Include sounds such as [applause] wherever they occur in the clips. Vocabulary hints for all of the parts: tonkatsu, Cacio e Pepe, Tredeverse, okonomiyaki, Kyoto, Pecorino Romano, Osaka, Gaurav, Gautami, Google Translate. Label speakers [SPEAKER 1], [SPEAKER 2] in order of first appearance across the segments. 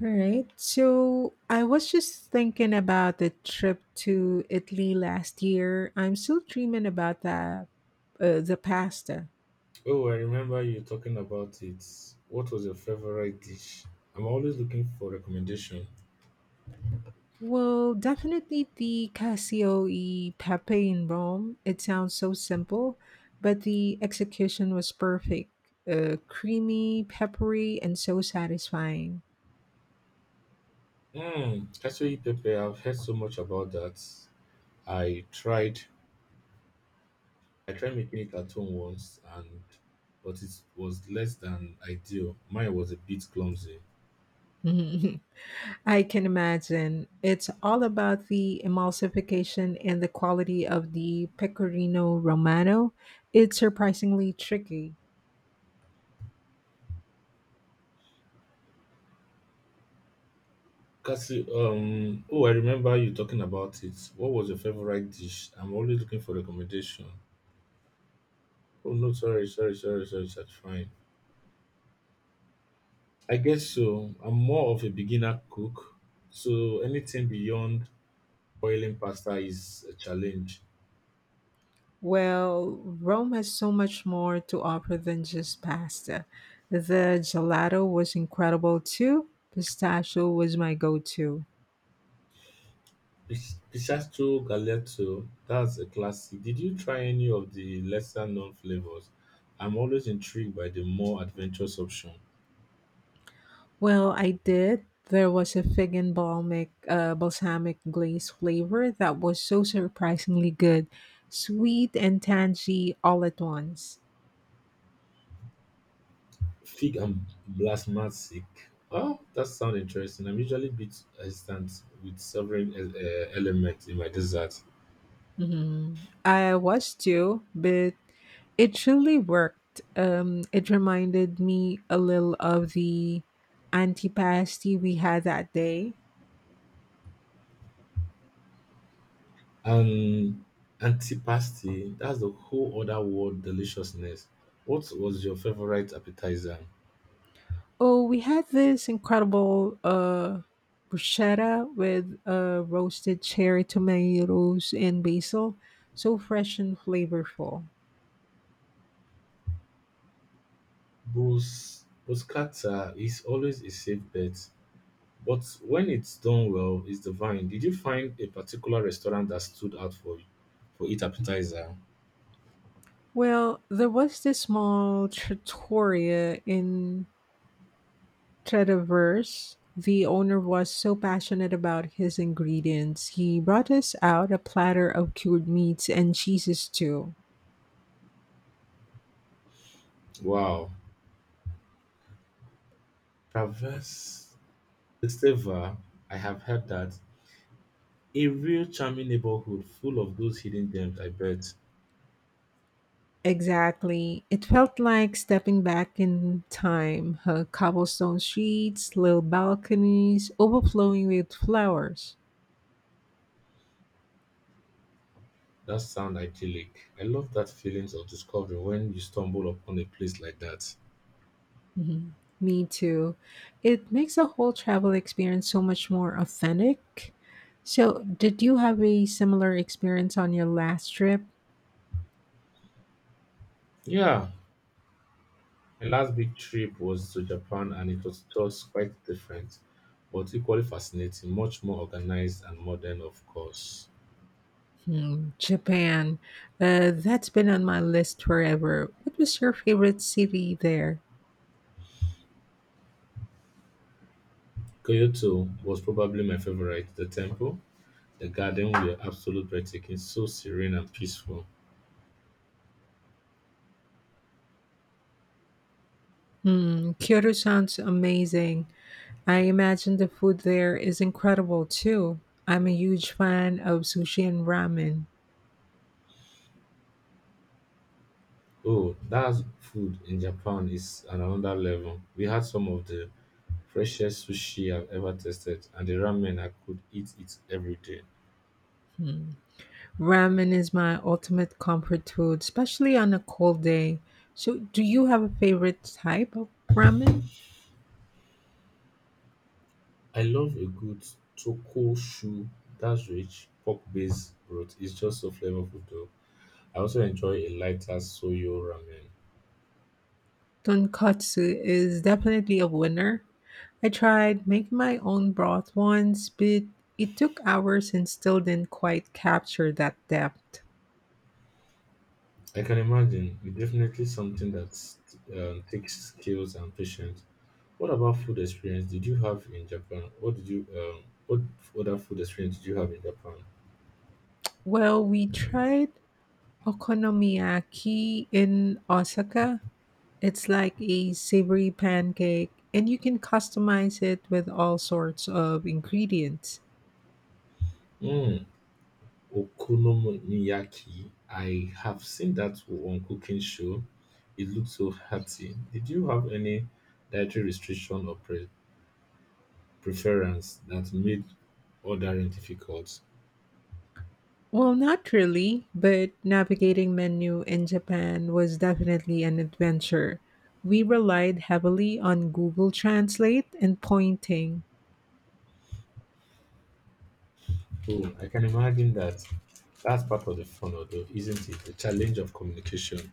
[SPEAKER 1] All right. So I was just thinking about the trip to Italy last year. I'm still dreaming about the the pasta.
[SPEAKER 2] Oh, I remember you talking about it. What was your favorite dish? I'm always looking for recommendation.
[SPEAKER 1] Well, definitely the Casio e Pepe in Rome. It sounds so simple, but the execution was perfect. Creamy, peppery, and so satisfying.
[SPEAKER 2] Hmm, actually, Pepe, I've heard so much about that. I tried, I tried making it at home once, and but it was less than ideal. Mine was a bit clumsy.
[SPEAKER 1] [laughs] I can imagine. It's all about the emulsification and the quality of the Pecorino Romano. It's surprisingly tricky.
[SPEAKER 2] Cassie, oh, I remember you talking about it. What was your favorite dish? I'm always looking for recommendation. Oh no, sorry, that's fine. I guess so. I'm more of a beginner cook, so anything beyond boiling pasta is a challenge.
[SPEAKER 1] Well, Rome has so much more to offer than just pasta. The gelato was incredible too. Pistachio was my go to.
[SPEAKER 2] Pistachio galato, that's a classic. Did you try any of the lesser known flavors? I'm always intrigued by the more adventurous option.
[SPEAKER 1] Well, I did. There was a balsamic glaze flavor that was so surprisingly good, sweet and tangy all at once.
[SPEAKER 2] Fig and blasmasic. Oh, that sounds interesting. I'm usually a bit hesitant with several elements in my dessert.
[SPEAKER 1] Mhm. I was too, but it truly worked. It reminded me a little of the antipasti we had that day.
[SPEAKER 2] And antipasti, that's the whole other world deliciousness. What was your favorite appetizer?
[SPEAKER 1] Oh, we had this incredible bruschetta with roasted cherry tomatoes and basil, so fresh and flavorful.
[SPEAKER 2] Buscata is always a safe bet, but when it's done well, it's divine. Did you find a particular restaurant that stood out for you for its appetizer?
[SPEAKER 1] Well, there was this small trattoria in Tredeverse. The owner was so passionate about his ingredients. He brought us out a platter of cured meats and cheeses too.
[SPEAKER 2] Wow. Traverse Esteva, I have heard that. A real charming neighborhood full of those hidden gems, I bet.
[SPEAKER 1] Exactly. It felt like stepping back in time. Her cobblestone streets, little balconies, overflowing with flowers.
[SPEAKER 2] That sound idyllic. I love that feelings of discovery when you stumble upon a place like that.
[SPEAKER 1] Mhm. Me too. It makes the whole travel experience so much more authentic. So, did you have a similar experience on your last trip?
[SPEAKER 2] Yeah, my last big trip was to Japan and it was just quite different, but equally fascinating, much more organized and modern, of course.
[SPEAKER 1] Hmm, Japan. That's been on my list forever. What was your favorite city there?
[SPEAKER 2] Kyoto was probably my favorite. The temple, the garden were absolute breathtaking, so serene and peaceful.
[SPEAKER 1] Hmm, Kyoto sounds amazing. I imagine the food there is incredible too. I'm a huge fan of sushi and ramen.
[SPEAKER 2] Oh, that food in Japan is on another level. We had some of the freshest sushi I've ever tasted, and the ramen I could eat it every day.
[SPEAKER 1] Ramen is my ultimate comfort food, especially on a cold day. So, do you have a favorite type of ramen?
[SPEAKER 2] I love a good tokoshu that's rich pork-based broth. It's just so flavorful though. I also enjoy a lighter soyo ramen.
[SPEAKER 1] Tonkatsu is definitely a winner. I tried making my own broth once, but it took hours and still didn't quite capture that depth.
[SPEAKER 2] I can imagine it's definitely something that takes skills and patience. What about food experience did you have in Japan? What other food experience did you have in Japan?
[SPEAKER 1] Well, we tried okonomiyaki in Osaka. It's like a savory pancake, and you can customize it with all sorts of ingredients.
[SPEAKER 2] Mm, okonomiyaki. I have seen that on cooking show. It looks so hearty. Did you have any dietary restriction or preference that made ordering difficult?
[SPEAKER 1] Well, not really, but navigating menu in Japan was definitely an adventure. We relied heavily on Google Translate and pointing. [laughs]
[SPEAKER 2] Oh, I can imagine that. That's part of the fun, although, isn't it? The challenge of communication.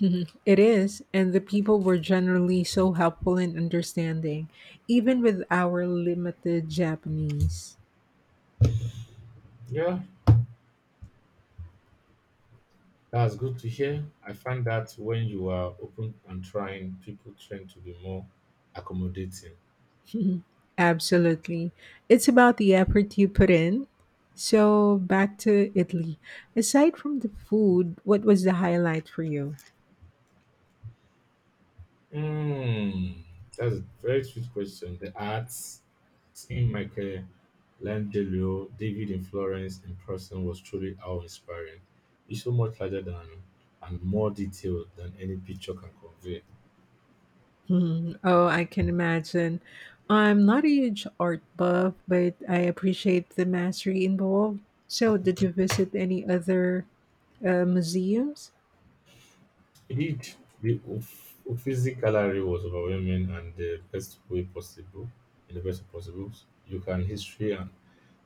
[SPEAKER 1] Mhm. It is, and the people were generally so helpful and understanding, even with our limited Japanese.
[SPEAKER 2] Yeah, that's good to hear. I find that when you are open and trying, people tend to be more accommodating.
[SPEAKER 1] Mhm. Absolutely. It's about the effort you put in. So, back to Italy. Aside from the food, what was the highlight for you? [laughs]
[SPEAKER 2] Mm, that's a very sweet question. The arts, seeing Michelangelo, David in Florence in person was truly awe-inspiring. It's so much larger than and more detailed than any picture can convey.
[SPEAKER 1] Hmm, oh, I can imagine. I'm not a huge art buff, but I appreciate the mastery involved. So, did you visit any other museums?
[SPEAKER 2] Indeed, the Uffizi Gallery was overwhelming and the best way possible, in the best way possible, you can history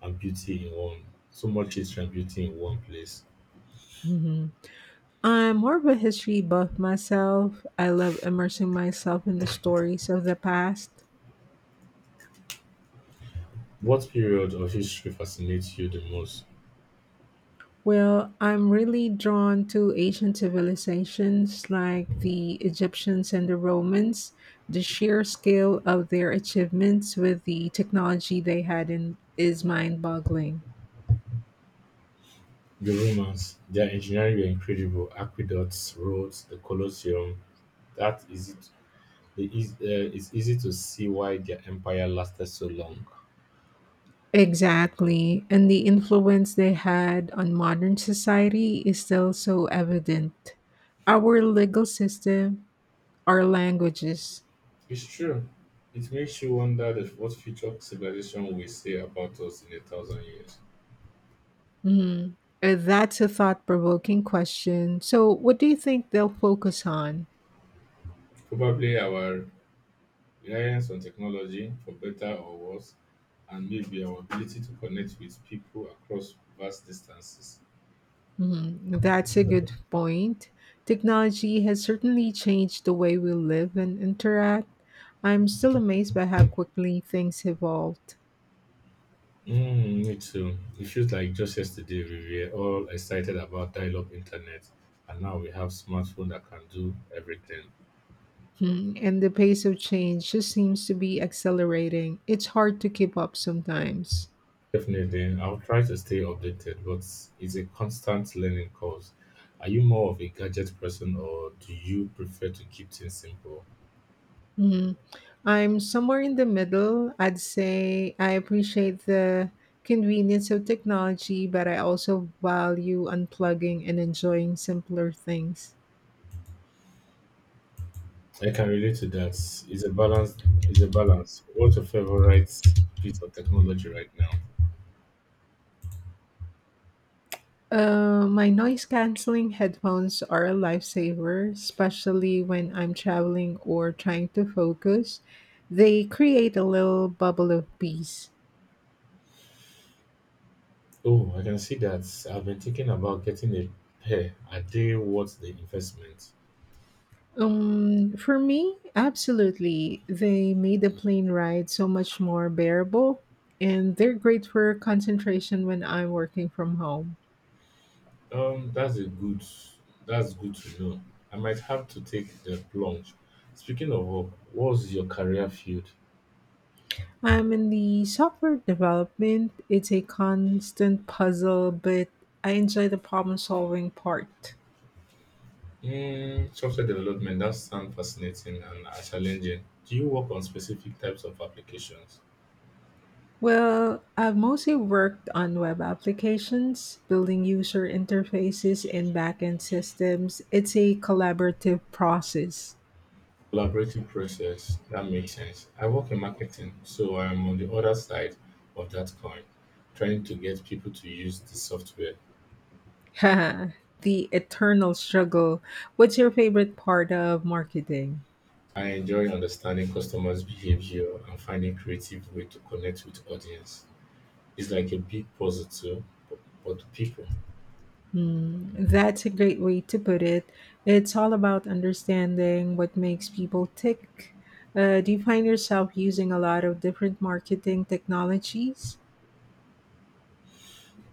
[SPEAKER 2] and beauty in one, so much history and beauty in one place.
[SPEAKER 1] Hmm, I'm more of a history buff myself. I love immersing myself in the stories of the past.
[SPEAKER 2] What period of history fascinates you the most?
[SPEAKER 1] Well, I'm really drawn to ancient civilizations like the Egyptians and the Romans. The sheer scale of their achievements with the technology they had in is mind-boggling.
[SPEAKER 2] The Romans, their engineering were incredible: aqueducts, roads, the Colosseum. That is it. The, is- uh, it's easy to see why their empire lasted so long.
[SPEAKER 1] Exactly, and the influence they had on modern society is still so evident. Our legal system, our languages.
[SPEAKER 2] It's true. It makes you wonder what future civilization will say about us in a thousand years.
[SPEAKER 1] Mhm. That's a thought-provoking question. So, what do you think they'll focus on?
[SPEAKER 2] Probably our reliance on technology, for better or worse, and maybe our ability to connect with people across vast distances.
[SPEAKER 1] Mhm, that's a good point. Technology has certainly changed the way we live and interact. I'm still amazed by how quickly things evolved.
[SPEAKER 2] Mm, me too. It feels like just yesterday we were all excited about dial-up internet, and now we have smartphone that can do everything.
[SPEAKER 1] Hmm, and the pace of change just seems to be accelerating. It's hard to keep up sometimes.
[SPEAKER 2] Definitely, I'll try to stay updated, but it's a constant learning course. Are you more of a gadget person, or do you prefer to keep things simple?
[SPEAKER 1] Mhm. I'm somewhere in the middle. I'd say I appreciate the convenience of technology, but I also value unplugging and enjoying simpler things.
[SPEAKER 2] I can relate to that. It's a balance. It's a balance. What's your favorite piece of technology right now?
[SPEAKER 1] My noise canceling headphones are a lifesaver, especially when I'm traveling or trying to focus. They create a little bubble of peace.
[SPEAKER 2] Oh, I can see that. I've been thinking about getting a pair. Are they worth the investment?
[SPEAKER 1] For me, absolutely. They made the plane ride so much more bearable, and they're great for concentration when I'm working from home.
[SPEAKER 2] That's a good. That's good to know. I might have to take the plunge. Speaking of work, what's your career field?
[SPEAKER 1] I'm in the software development. It's a constant puzzle, but I enjoy the problem solving part.
[SPEAKER 2] Mm, software development. That sounds fascinating and challenging. Do you work on specific types of applications?
[SPEAKER 1] Well, I've mostly worked on web applications, building user interfaces and backend systems. It's a collaborative process.
[SPEAKER 2] Collaborative process. That makes sense. I work in marketing, so I'm on the other side of that coin, trying to get people to use the software.
[SPEAKER 1] [laughs] The eternal struggle. What's your favorite part of marketing?
[SPEAKER 2] I enjoy understanding customers' behavior and finding creative way to connect with audience. It's like a big puzzle too, but but to people.
[SPEAKER 1] Hmm, that's a great way to put it. It's all about understanding what makes people tick. Do you find yourself using a lot of different marketing technologies?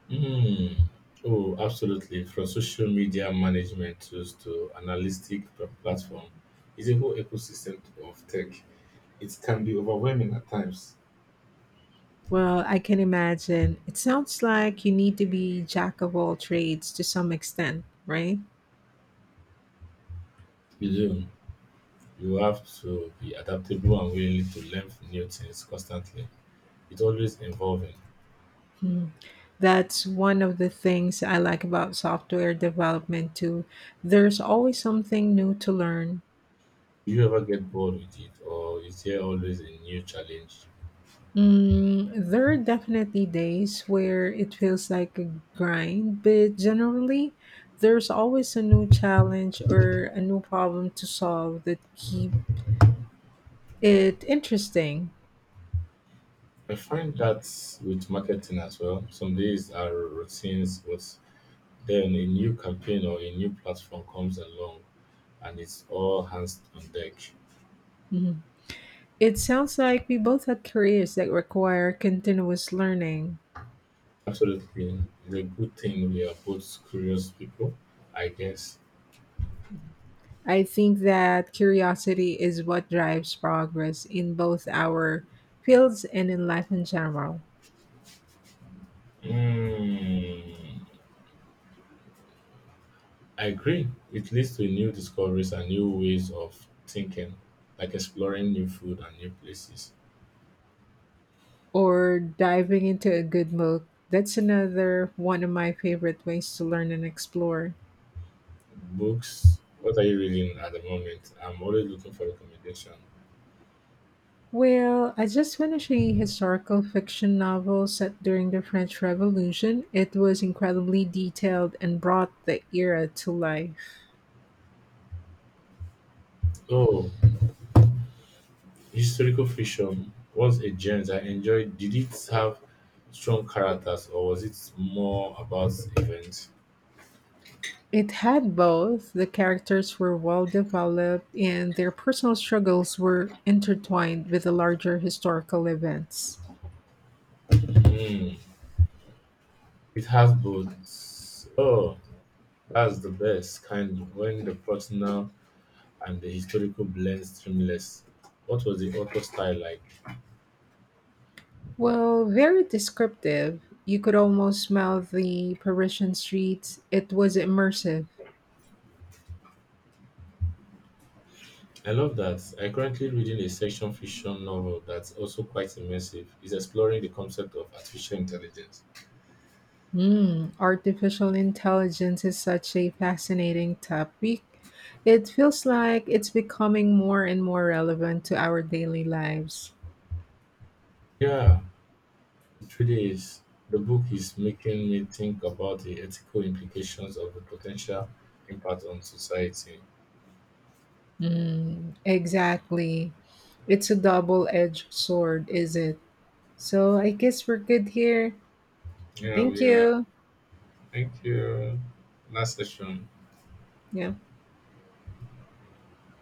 [SPEAKER 2] Mm. Oh, absolutely. From social media management tools to analytic platform, it's a whole ecosystem of tech. It can be overwhelming at times.
[SPEAKER 1] Well, I can imagine. It sounds like you need to be jack of all trades to some extent, right?
[SPEAKER 2] You do. You have to be adaptable and willing to learn new things constantly. It's always evolving.
[SPEAKER 1] That's one of the things I like about software development too. There's always something new to learn.
[SPEAKER 2] Do you ever get bored with it, or is there always a new challenge?
[SPEAKER 1] Mm, there are definitely days where it feels like a grind, but generally, there's always a new challenge or a new problem to solve that keep it interesting.
[SPEAKER 2] I find that with marketing as well. Some days are routines, but Then a new campaign or a new platform comes along and it's all hands on deck.
[SPEAKER 1] Mm-hmm. It sounds like we both had careers that require continuous learning.
[SPEAKER 2] Absolutely. It's a good thing we are both curious people, I guess.
[SPEAKER 1] I think that curiosity is what drives progress in both our fields and in life in general.
[SPEAKER 2] Mm, I agree. It leads to new discoveries and new ways of thinking, like exploring new food and new places.
[SPEAKER 1] Or diving into a good book. That's another one of my favorite ways to learn and explore.
[SPEAKER 2] Books, what are you reading at the moment? I'm always looking for recommendation.
[SPEAKER 1] Well, I just finished a historical fiction novel set during the French Revolution. It was incredibly detailed and brought the era to life.
[SPEAKER 2] Oh, historical fiction was a genre I enjoyed did it have strong characters or was it more about events?
[SPEAKER 1] It had both. The characters were well developed and their personal struggles were intertwined with the larger historical events.
[SPEAKER 2] Hmm, it has both. Oh, that's the best kind when the personal and the historical blend seamless. What was the author style like?
[SPEAKER 1] Well, very descriptive. You could almost smell the Parisian streets. It was immersive.
[SPEAKER 2] I love that. I currently reading a section fiction novel that's also quite immersive. It's exploring the concept of artificial intelligence.
[SPEAKER 1] Mm, artificial intelligence is such a fascinating topic. It feels like it's becoming more and more relevant to our daily lives.
[SPEAKER 2] Yeah, it really is. The book is making me think about the ethical implications of the potential impact on society.
[SPEAKER 1] Mm, exactly. It's a double edged sword, is it? So I guess we're good here.
[SPEAKER 2] Yeah,
[SPEAKER 1] Thank
[SPEAKER 2] we are.
[SPEAKER 1] you.
[SPEAKER 2] Thank you. Last session.
[SPEAKER 1] Yeah.